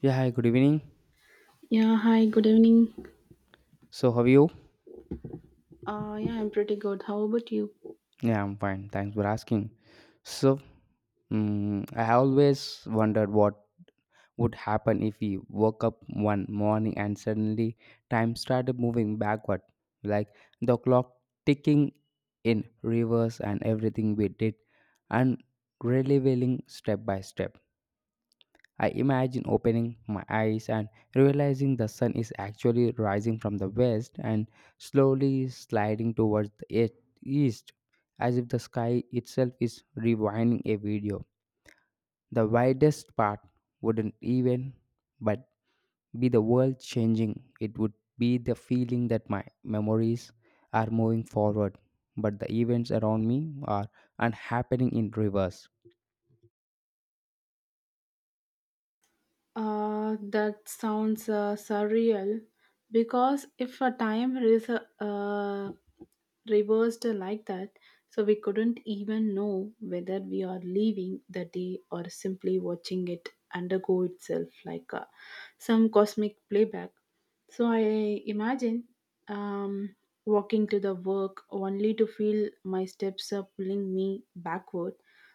Yeah, hi, good evening. Yeah, hi, good evening. So, how are you? Yeah, I'm pretty good. How about you? Yeah, I'm fine. Thanks for asking. So I have always wondered what would happen if we woke up one morning and suddenly time started moving backward, like the clock ticking in reverse and everything we did and really step by step. I imagine opening my eyes and realizing the sun is actually rising from the west and slowly sliding towards the east, as if the sky itself is rewinding a video. The widest part wouldn't even but be the world changing. It would be the feeling that my memories are moving forward, but the events around me are unhappening in reverse. That sounds surreal because if a time is uh, reversed like that, so we couldn't even know whether we are leaving the day or simply watching it undergo itself like some cosmic playback. So I imagine um, walking to the work only to feel my steps are pulling me backward.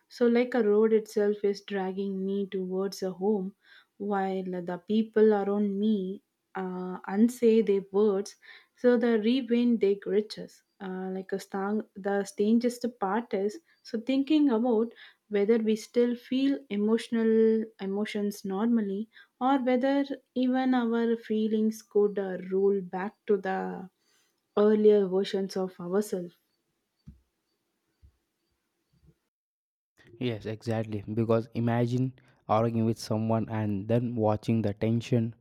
So, like a road itself is dragging me towards a home while the people around me unsay their words, so the rewind their riches. Like a the strangest part is so thinking about whether we still feel emotional emotions normally or whether even our feelings could roll back to the earlier versions of ourselves. Yes, exactly. Because imagine arguing with someone and then watching the tension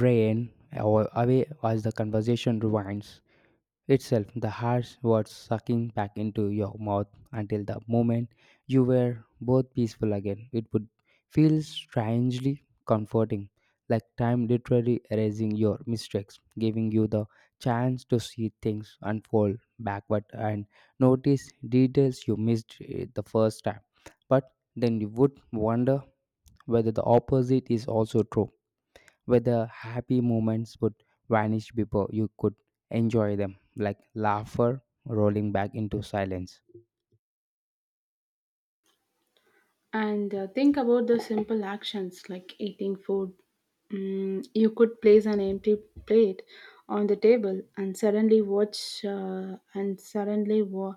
away as the conversation rewinds itself, the harsh words sucking back into your mouth until the moment you were both peaceful again. It would feel strangely comforting, like time literally erasing your mistakes, giving you the chance to see things unfold backward and notice details you missed the first time. But then you would wonder whether the opposite is also true, whether happy moments would vanish before you could enjoy them, like laughter rolling back into silence. And think about the simple actions like eating food. Mm, you could place an empty plate on the table and suddenly watch uh, and suddenly wa-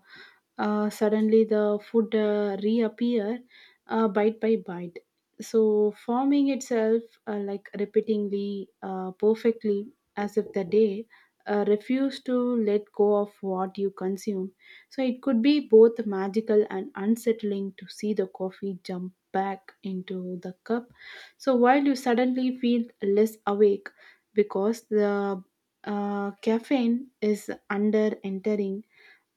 uh, suddenly the food reappear bite by bite. So forming itself like repeatedly, perfectly, as if the day refused to let go of what you consume so it could be both magical and unsettling to see the coffee jump back into the cup. So while you suddenly feel less awake because the caffeine is under entering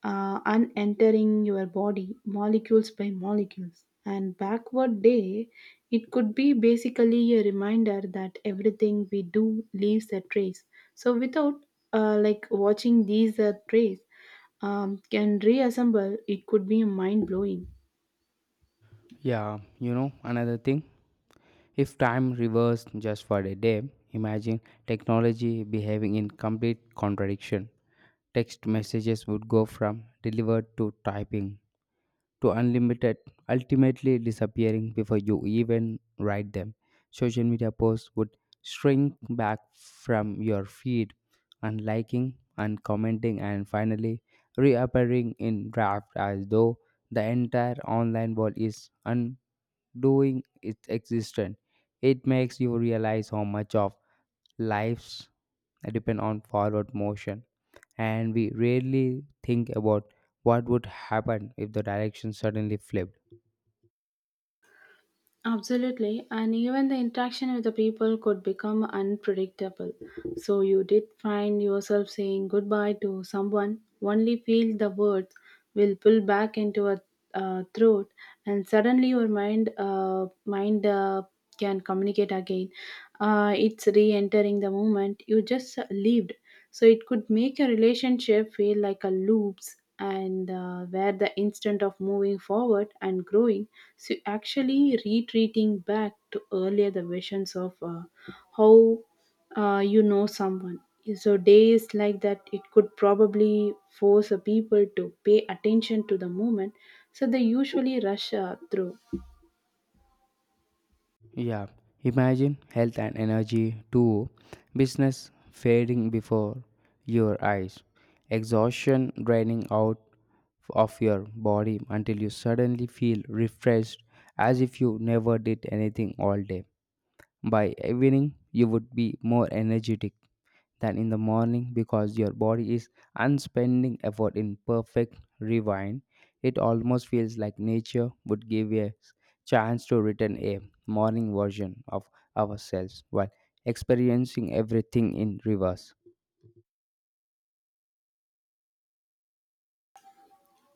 unentering your body molecules by molecules and backward day it could be basically a reminder that everything we do leaves a trace so without like watching these trace can reassemble, it could be mind blowing. Yeah, you know, another thing, if time reversed just for a day, imagine technology behaving in complete contradiction. Text messages would go from delivered to typing, to unlimited, ultimately disappearing before you even write them. Social media posts would shrink back from your feed and liking and commenting and finally reappearing in draft as though the entire online world is undoing its existence. It makes you realize how much of lives depend on forward motion, and we rarely think about what would happen if the direction suddenly flipped. Absolutely, and even the interaction with the people could become unpredictable. So you did find yourself saying goodbye to someone, only feel the words will pull back into a throat, and suddenly your mind can communicate again. It's re-entering the moment you just lived. So it could make a relationship feel like a loops, and where the instant of moving forward and growing so actually retreating back to earlier the visions of how you know someone. So days like that, it could probably force a people to pay attention to the moment. So they usually rush through. Yeah, imagine health and energy too. Business fading before your eyes, exhaustion draining out of your body until you suddenly feel refreshed as if you never did anything all day. By evening, you would be more energetic than in the morning because your body is unspending effort in perfect rewind. It almost feels like nature would give a chance to return a morning version of ourselves while experiencing everything in reverse.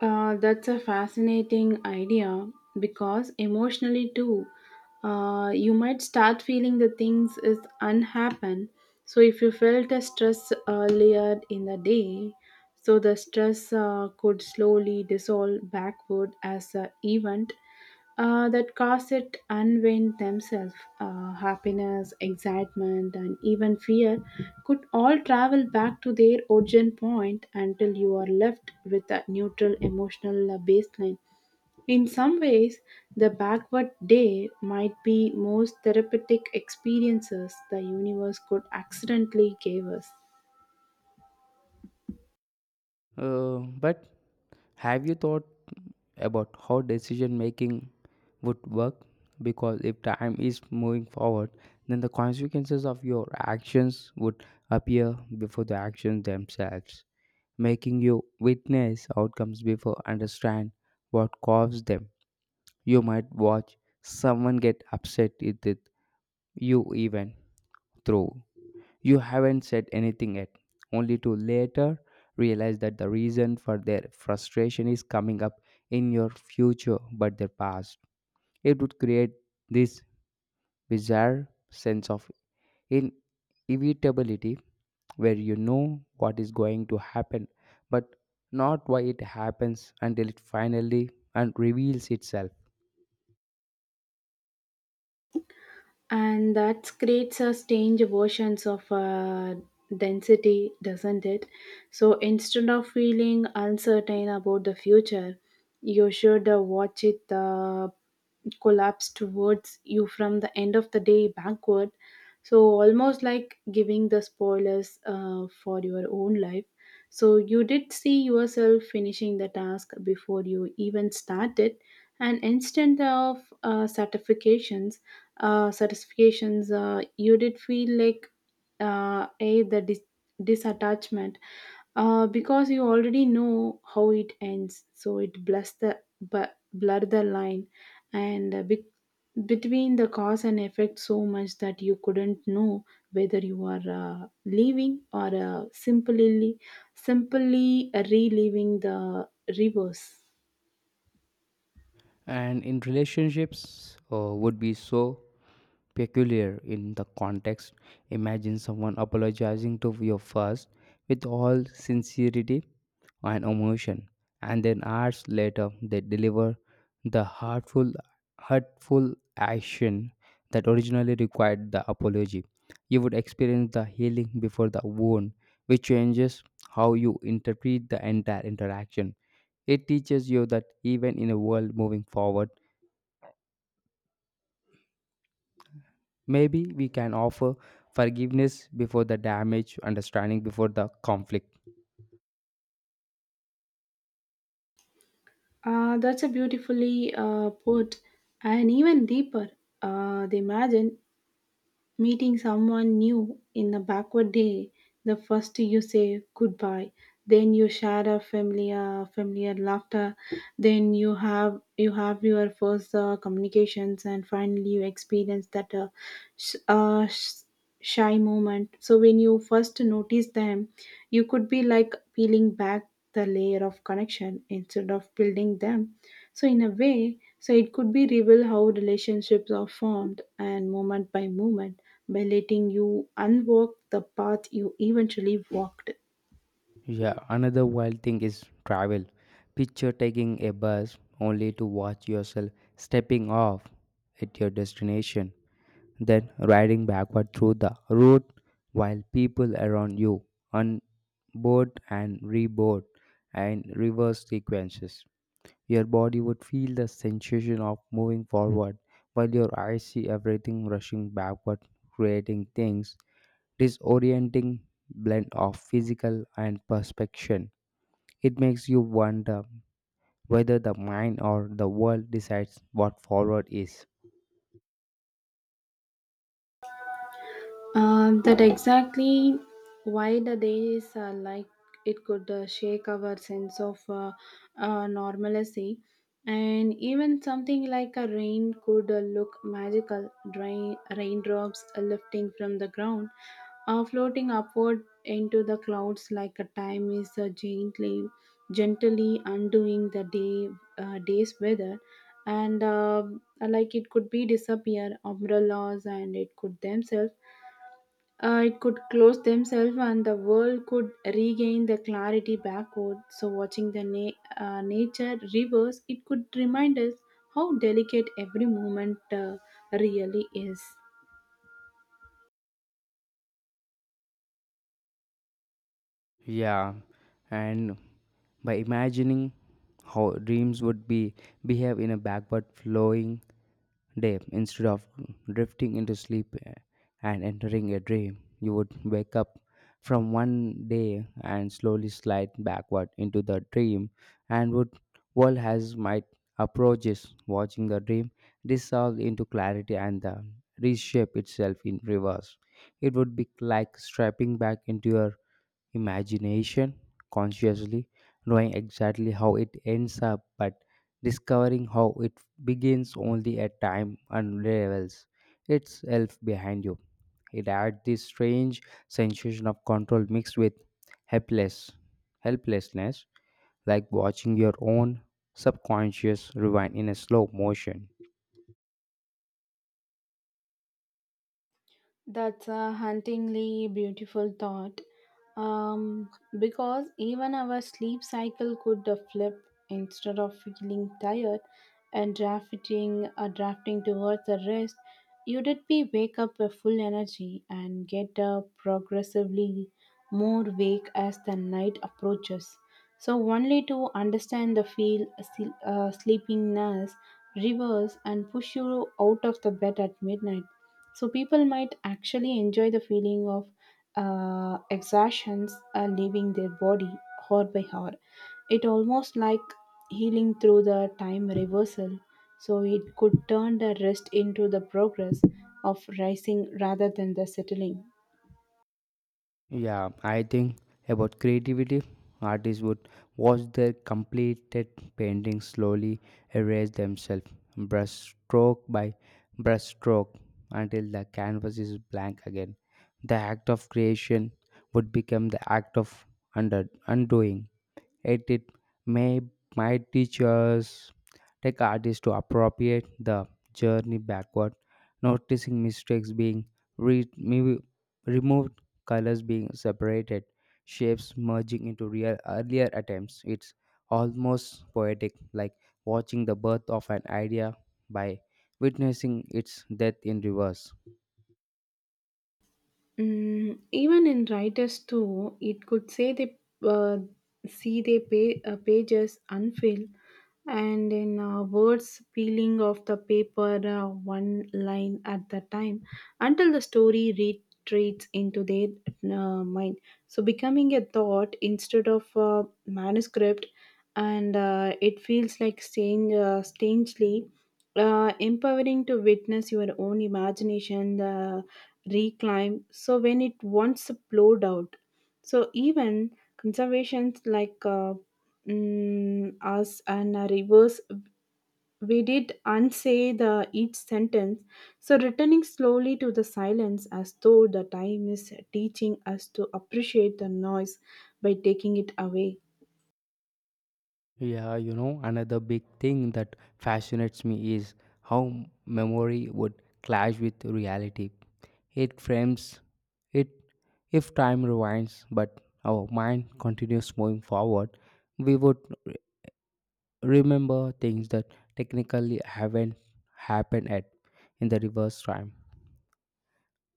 That's a fascinating idea because emotionally too, you might start feeling the things is unhappen. So if you felt a stress earlier in the day, so the stress could slowly dissolve backward as a event that cause it unwind themselves. Happiness, excitement, and even fear could all travel back to their origin point until you are left with a neutral emotional baseline. In some ways, the backward day might be most therapeutic experiences the universe could accidentally give us. But have you thought about how decision making would work? Because if time is moving forward, then the consequences of your actions would appear before the actions themselves, making you witness outcomes before understand what caused them. You might watch someone get upset with it, you even through. You haven't said anything yet, only to later realize that the reason for their frustration is coming up in your future but their past. It would create this bizarre sense of in inevitability where you know what is going to happen but not why it happens until it finally and reveals itself. And that creates a strange versions of density, doesn't it? So instead of feeling uncertain about the future, you should watch it collapse towards you from the end of the day backward, so almost like giving the spoilers for your own life. So you did see yourself finishing the task before you even started, and instant of uh, certifications certifications, you did feel like uh, a the dis- disattachment because you already know how it ends. So it blurs the bu- blur the line and between the cause and effect so much that you couldn't know whether you are leaving or simply reliving the reverse. And in relationships, would be so peculiar in the context. Imagine someone apologizing to you first with all sincerity and emotion, and then hours later they deliver the hurtful action that originally required the apology. You would experience the healing before the wound, which changes how you interpret the entire interaction. It teaches you that even in a world moving forward, maybe we can offer forgiveness before the damage, understanding before the conflict. That's a beautifully put, and even deeper. They imagine meeting someone new in a backward day. The first you say goodbye, then you share a familiar laughter, then you have your first communications, and finally you experience that sh- uh, shy moment. So when you first notice them, you could be like peeling back the layer of connection instead of building them. So in a way, so it could be reveal how relationships are formed and moment by moment by letting you unwalk the path you eventually walked. Yeah, another wild thing is travel. Picture taking a bus only to watch yourself stepping off at your destination, then riding backward through the road while people around you on board and reboard and reverse sequences. Your body would feel the sensation of moving forward, while your eyes see everything rushing backward, creating things disorienting blend of physical and perception. It makes you wonder whether the mind or the world decides what forward is. That exactly why the days are like it could shake our sense of normalcy, and even something like a rain could look magical. Dry raindrops lifting from the ground, are floating upward into the clouds like a time is gently undoing the day's weather, and like it could be disappear umbrellas, and it could themselves it could close themselves and the world could regain the clarity backward. So, watching the nature reverse, it could remind us how delicate every moment really is. Yeah, and by imagining how dreams would be behave in a backward flowing day, instead of drifting into sleep and entering a dream, you would wake up from one day and slowly slide backward into the dream, and would world has might approaches watching the dream dissolve into clarity and the reshape itself in reverse. It would be like strapping back into your imagination consciously, knowing exactly how it ends up, but discovering how it begins only at time unravels itself behind you. It adds this strange sensation of control mixed with helpless helplessness, like watching your own subconscious rewind in a slow motion. That's a hauntingly beautiful thought. Um, because even our sleep cycle could flip instead of feeling tired and drafting towards the rest, you did be wake up with full energy and get progressively more wake as the night approaches. So only to understand the feel sleepiness reverse and push you out of the bed at midnight, so people might actually enjoy the feeling of exertions leaving their body hour by hour. It almost like healing through the time reversal. So it could turn the rest into the progress of rising rather than the settling. Yeah, I think about creativity. Artists would watch their completed paintings slowly erase themselves, brushstroke by brushstroke, until the canvas is blank again. The act of creation would become the act of undoing. Yet it may might teach us take artists to appropriate the journey backward, noticing mistakes being re- me- removed, colors being separated, shapes merging into real earlier attempts. It's almost poetic, like watching the birth of an idea by witnessing its death in reverse. Mm, even in writers too, it could say they uh, see their pages unfilled, and in words peeling off the paper one line at the time until the story retreats into their mind. So becoming a thought instead of a manuscript, and it feels like strangely empowering to witness your own imagination. Reclaim so when it once flowed out so even conservations like us and a reverse we did unsay the each sentence so returning slowly to the silence as though the time is teaching us to appreciate the noise by taking it away. Yeah, you know, another big thing that fascinates me is how memory would clash with reality. It frames it if time rewinds, but our mind continues moving forward, we would re- remember things that technically haven't happened yet in the reverse time.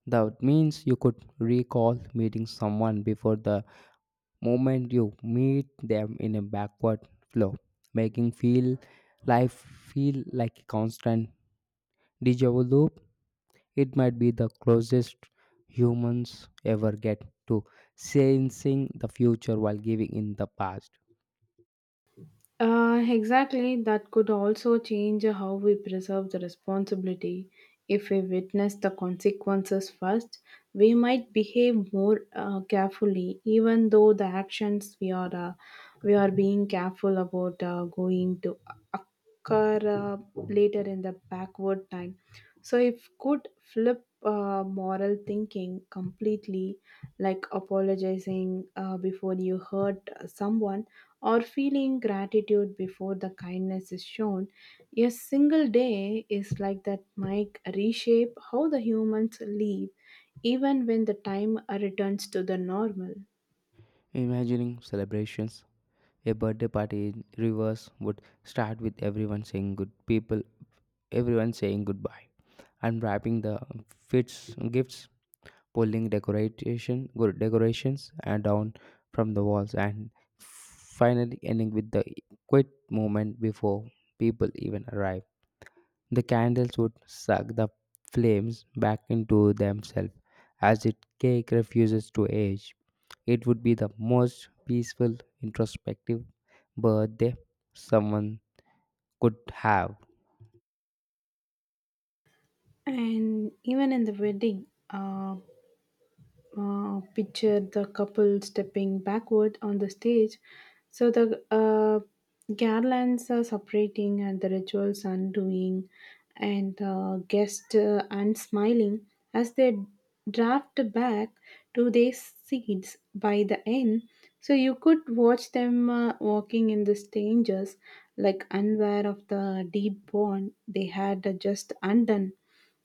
That means you could recall meeting someone before the moment you meet them in a backward flow, making feel life feel like a constant deja vu loop. It might be the closest humans ever get to sensing the future while giving in the past. Exactly, that could also change how we preserve the responsibility. If we witness the consequences first, we might behave more carefully, even though the actions we are being careful about going to occur later in the backward time. So, if could flip moral thinking completely, like apologizing before you hurt someone or feeling gratitude before the kindness is shown, a single day is like that might reshape how the humans live, even when the time returns to the normal. Imagining celebrations, a birthday party in reverse would start with everyone saying good people, everyone saying goodbye, unwrapping the gifts, pulling decorations down from the walls and finally ending with the quiet moment before people even arrive. The candles would suck the flames back into themselves as the cake refuses to age. It would be the most peaceful introspective birthday someone could have. And even in the wedding, picture the couple stepping backward on the stage. So the garlands are separating and the rituals undoing, and guests unsmiling as they draft back to their seats by the end. So you could watch them walking in the strangers, like unaware of the deep bond they had just undone,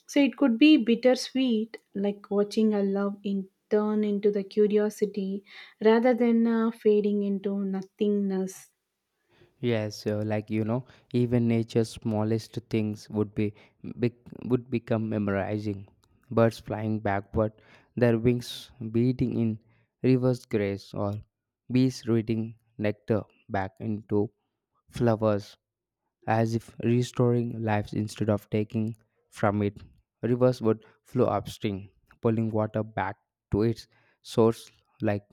so it could be bittersweet, like watching a love in turn into the curiosity rather than fading into nothingness. Yes, like you know, even nature's smallest things would be, bec would become memorizing. Birds flying backward, their wings beating in reverse grace, or bees reading nectar back into flowers, as if restoring lives instead of taking from it. Rivers would flow upstream, pulling water back to its source, like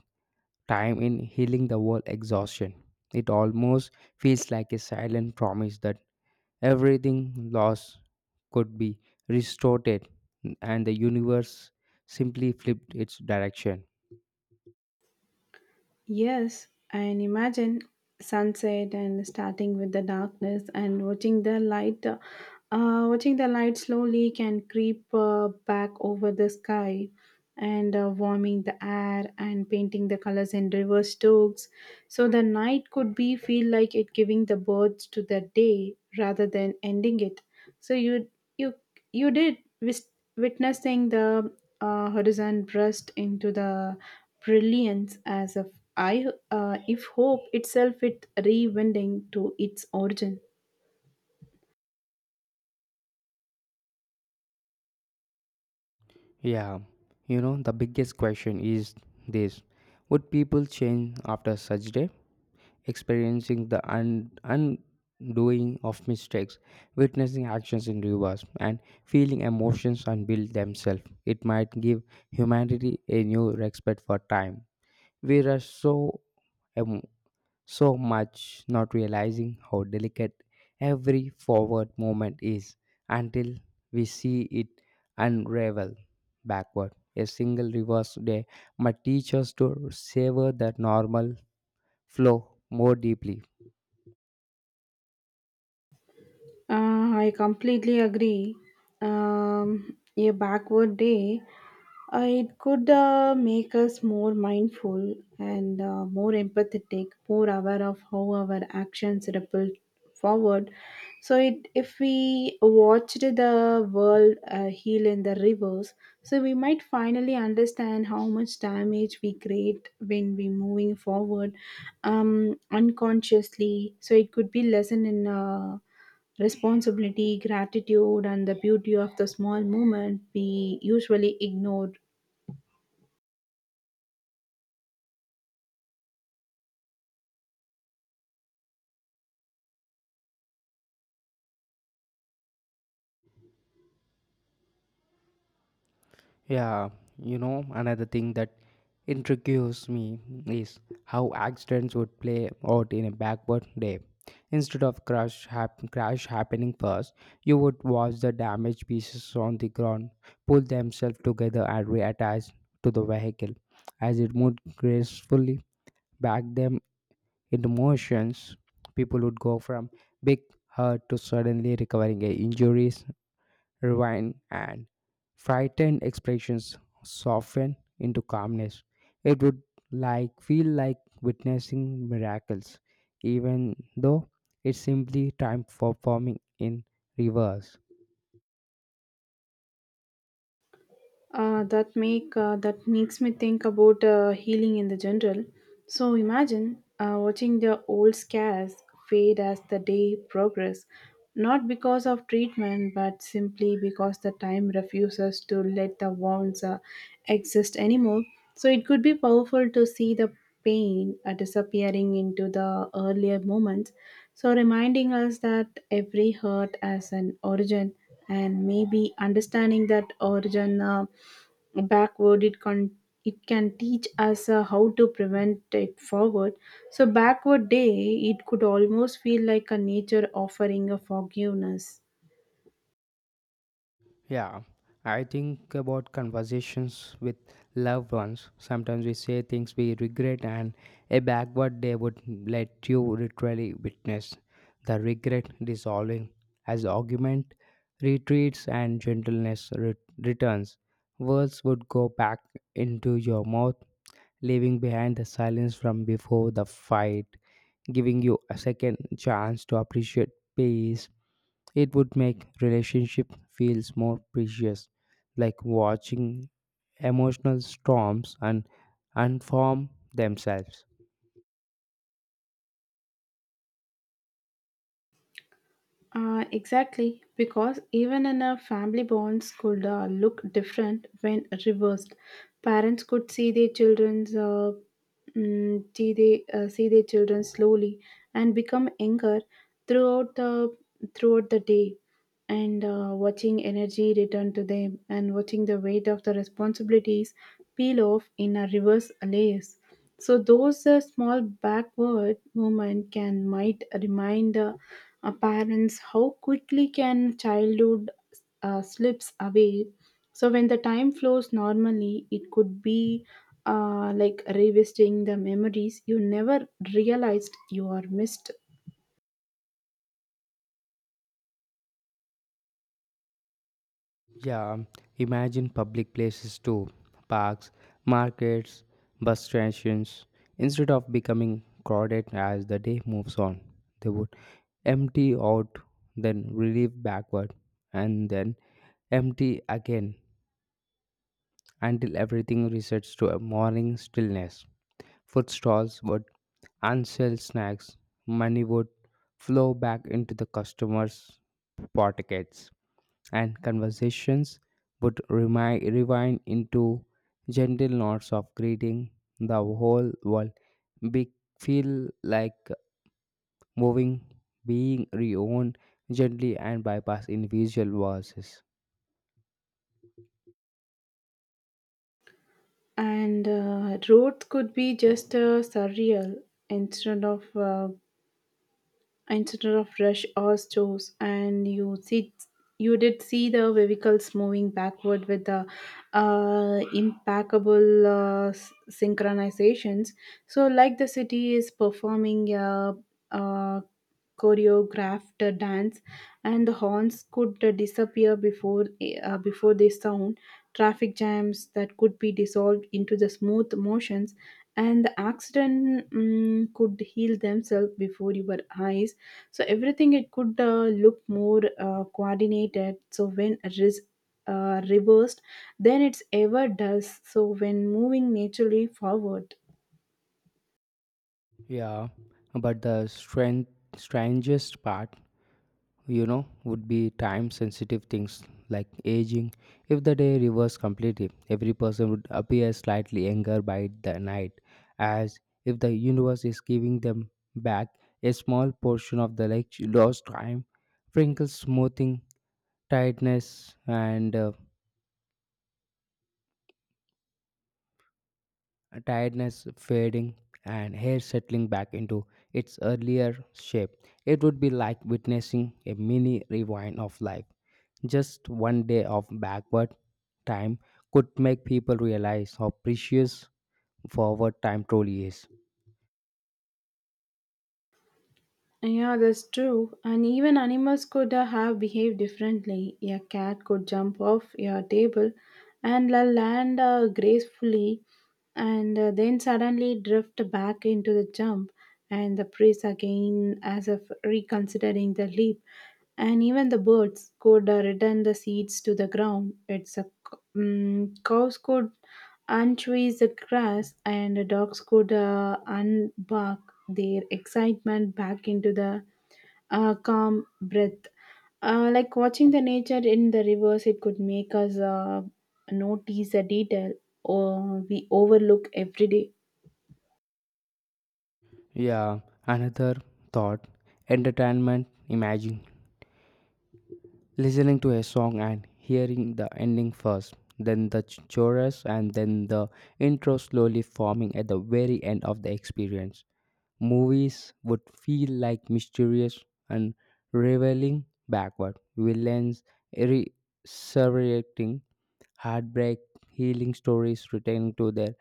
time in healing the world exhaustion. It almost feels like a silent promise that everything lost could be restored and the universe simply flipped its direction. Yes, and imagine sunset and starting with the darkness and watching the light. Watching the light slowly can creep back over the sky and warming the air and painting the colors in reverse strokes. So the night could be feel like it giving the birth to the day rather than ending it. So you you did witnessing the horizon burst into the brilliance as if I, if hope itself it rewinding to its origin. Yeah, you know, the biggest question is this: would people change after such day? Experiencing the undoing of mistakes, witnessing actions in reverse, and feeling emotions unveil themselves. It might give humanity a new respect for time. We rush em- so much, not realizing how delicate every forward moment is until we see it unravel backward. A single reverse day might teach us to savor the normal flow more deeply. I completely agree. A backward day. It could make us more mindful and more empathetic, more aware of how our actions ripple forward. So, it, if we watched the world heal in the reverse, so we might finally understand how much damage we create when we're moving forward unconsciously. So, it could be lesson in. Responsibility, gratitude, and the beauty of the small moment we usually ignore. Yeah, you know, another thing that intrigues me is how accidents would play out in a backward day. Instead of crash happening first, you would watch the damaged pieces on the ground pull themselves together and reattach to the vehicle. As it moved gracefully back them into motions, people would go from big hurt to suddenly recovering a injuries rewind, and frightened expressions soften into calmness. It would like feel like witnessing miracles, even though it's simply time for performing in reverse. That makes me think about healing in the general. So imagine watching the old scars fade as the day progress, not because of treatment, but simply because the time refuses to let the wounds exist anymore. So it could be powerful to see the pain disappearing into the earlier moments. So reminding us that every hurt has an origin and maybe understanding that origin backward it can teach us how to prevent it forward, so backward day it could almost feel like a nature offering a forgiveness. Yeah, I think about conversations with loved ones. Sometimes we say things we regret, and a backward day would let you literally witness the regret dissolving as argument retreats and gentleness returns. Words would go back into your mouth, leaving behind the silence from before the fight, giving you a second chance to appreciate peace. It would make relationship feels more precious, like watching emotional storms and unform themselves. Exactly, because even in a family bonds could look different when reversed. Parents could see their children's, see their children slowly and become younger throughout the throughout the day and watching energy return to them and watching the weight of the responsibilities peel off in a reverse layers. So those small backward movement can might remind parents how quickly can childhood slips away. So when the time flows normally, it could be like revisiting the memories you never realized you are missed. Yeah, imagine public places too, parks, markets, bus stations. Instead of becoming crowded as the day moves on, they would empty out, then relieve backward, and then empty again until everything resets to a morning stillness. Food stalls would and sell snacks, money would flow back into the customers' pockets, and conversations would rewind into gentle nods of greeting. The whole world be- feel like moving, being reowned gently and bypass individual voices. And roads could be just surreal, instead of uh, instead of rush or stores and you did see the vehicles moving backward with the impeccable synchronizations, so like the city is performing a choreographed dance, and the horns could disappear before they sound, traffic jams that could be dissolved into the smooth motions, and the accident mm could heal themselves before your eyes, so everything it could look more coordinated so when it is reversed then it's ever does so when moving naturally forward. Yeah, but strangest part, you know, would be time sensitive things like aging. If the day reversed completely, every person would appear slightly younger by the night, as if the universe is giving them back a small portion of the like lost time, wrinkles smoothing tiredness and uh, tiredness fading and hair settling back into its earlier shape. It would be like witnessing a mini rewind of life. Just one day of backward time could make people realize how precious forward time truly is. Yeah, that's true. And even animals could have behaved differently. A cat could jump off a table and land gracefully and then suddenly drift back into the jump and the praise again as if reconsidering the leap, and even the birds could return the seeds to the ground. It's a cows could untrees the grass, and the dogs could unbark their excitement back into the calm breath. Like watching the nature in the reverse, it could make us notice a detail or we overlook every day. Yeah, another thought entertainment. Imagine listening to a song and hearing the ending first, then the chorus, and then the intro slowly forming at the very end of the experience. Movies would feel like mysterious and reveling backward, villains resurrecting, heartbreak, healing stories returning to their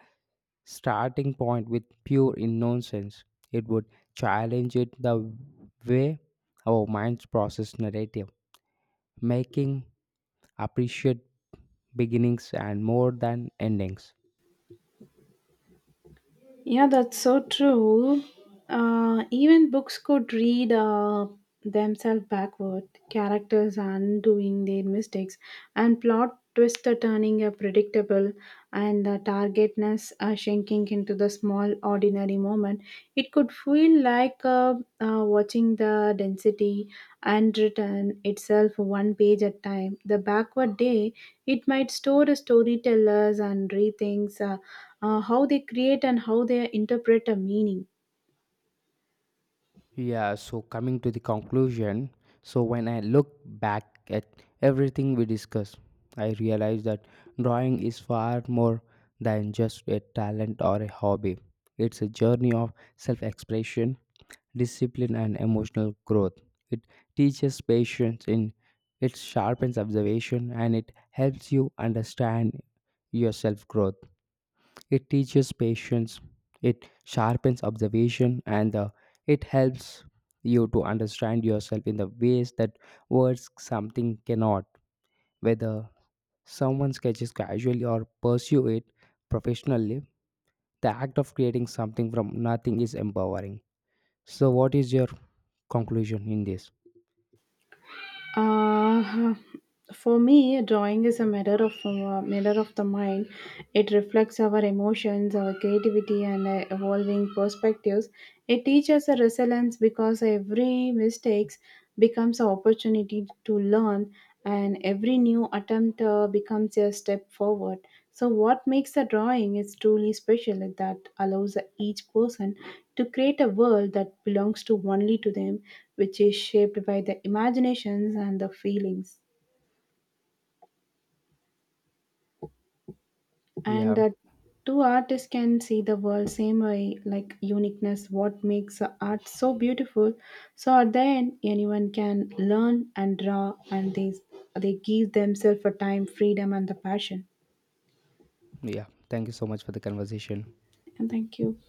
starting point with pure innocence. It would challenge it the way our minds process narrative, making appreciate beginnings and more than endings. Yeah, that's so true. Even books could read themselves backward, characters undoing their mistakes, and plot twists are turning a predictable and the targetness are shrinking into the small ordinary moment, it could feel like watching the density and return itself one page at time. The backward day, it might store the storytellers and rethink how they create and how they interpret a meaning. Yeah, so coming to the conclusion, so when I look back at everything we discussed, I realize that drawing is far more than just a talent or a hobby. It's a journey of self expression, discipline, and emotional growth. It teaches it sharpens observation, and it helps you understand your self growth. It teaches patience, it sharpens observation, and it helps you to understand yourself in the ways that words something cannot. Whether someone sketches casually or pursue it professionally, the act of creating something from nothing is empowering. So, what is your conclusion in this? Uh, for me, drawing is a mirror of the mind. It reflects our emotions, our creativity, and evolving perspectives. It teaches a resilience because every mistakes becomes an opportunity to learn, and every new attempt becomes a step forward. So, what makes a drawing is truly special is that allows each person to create a world that belongs to only to them which is shaped by the imaginations and the feelings. Yeah, And two artists can see the world same way, like uniqueness, what makes art so beautiful. So at the end, anyone can learn and draw, and they give themselves a time, freedom, and the passion. yeah. Thank you so much for the conversation. And thank you.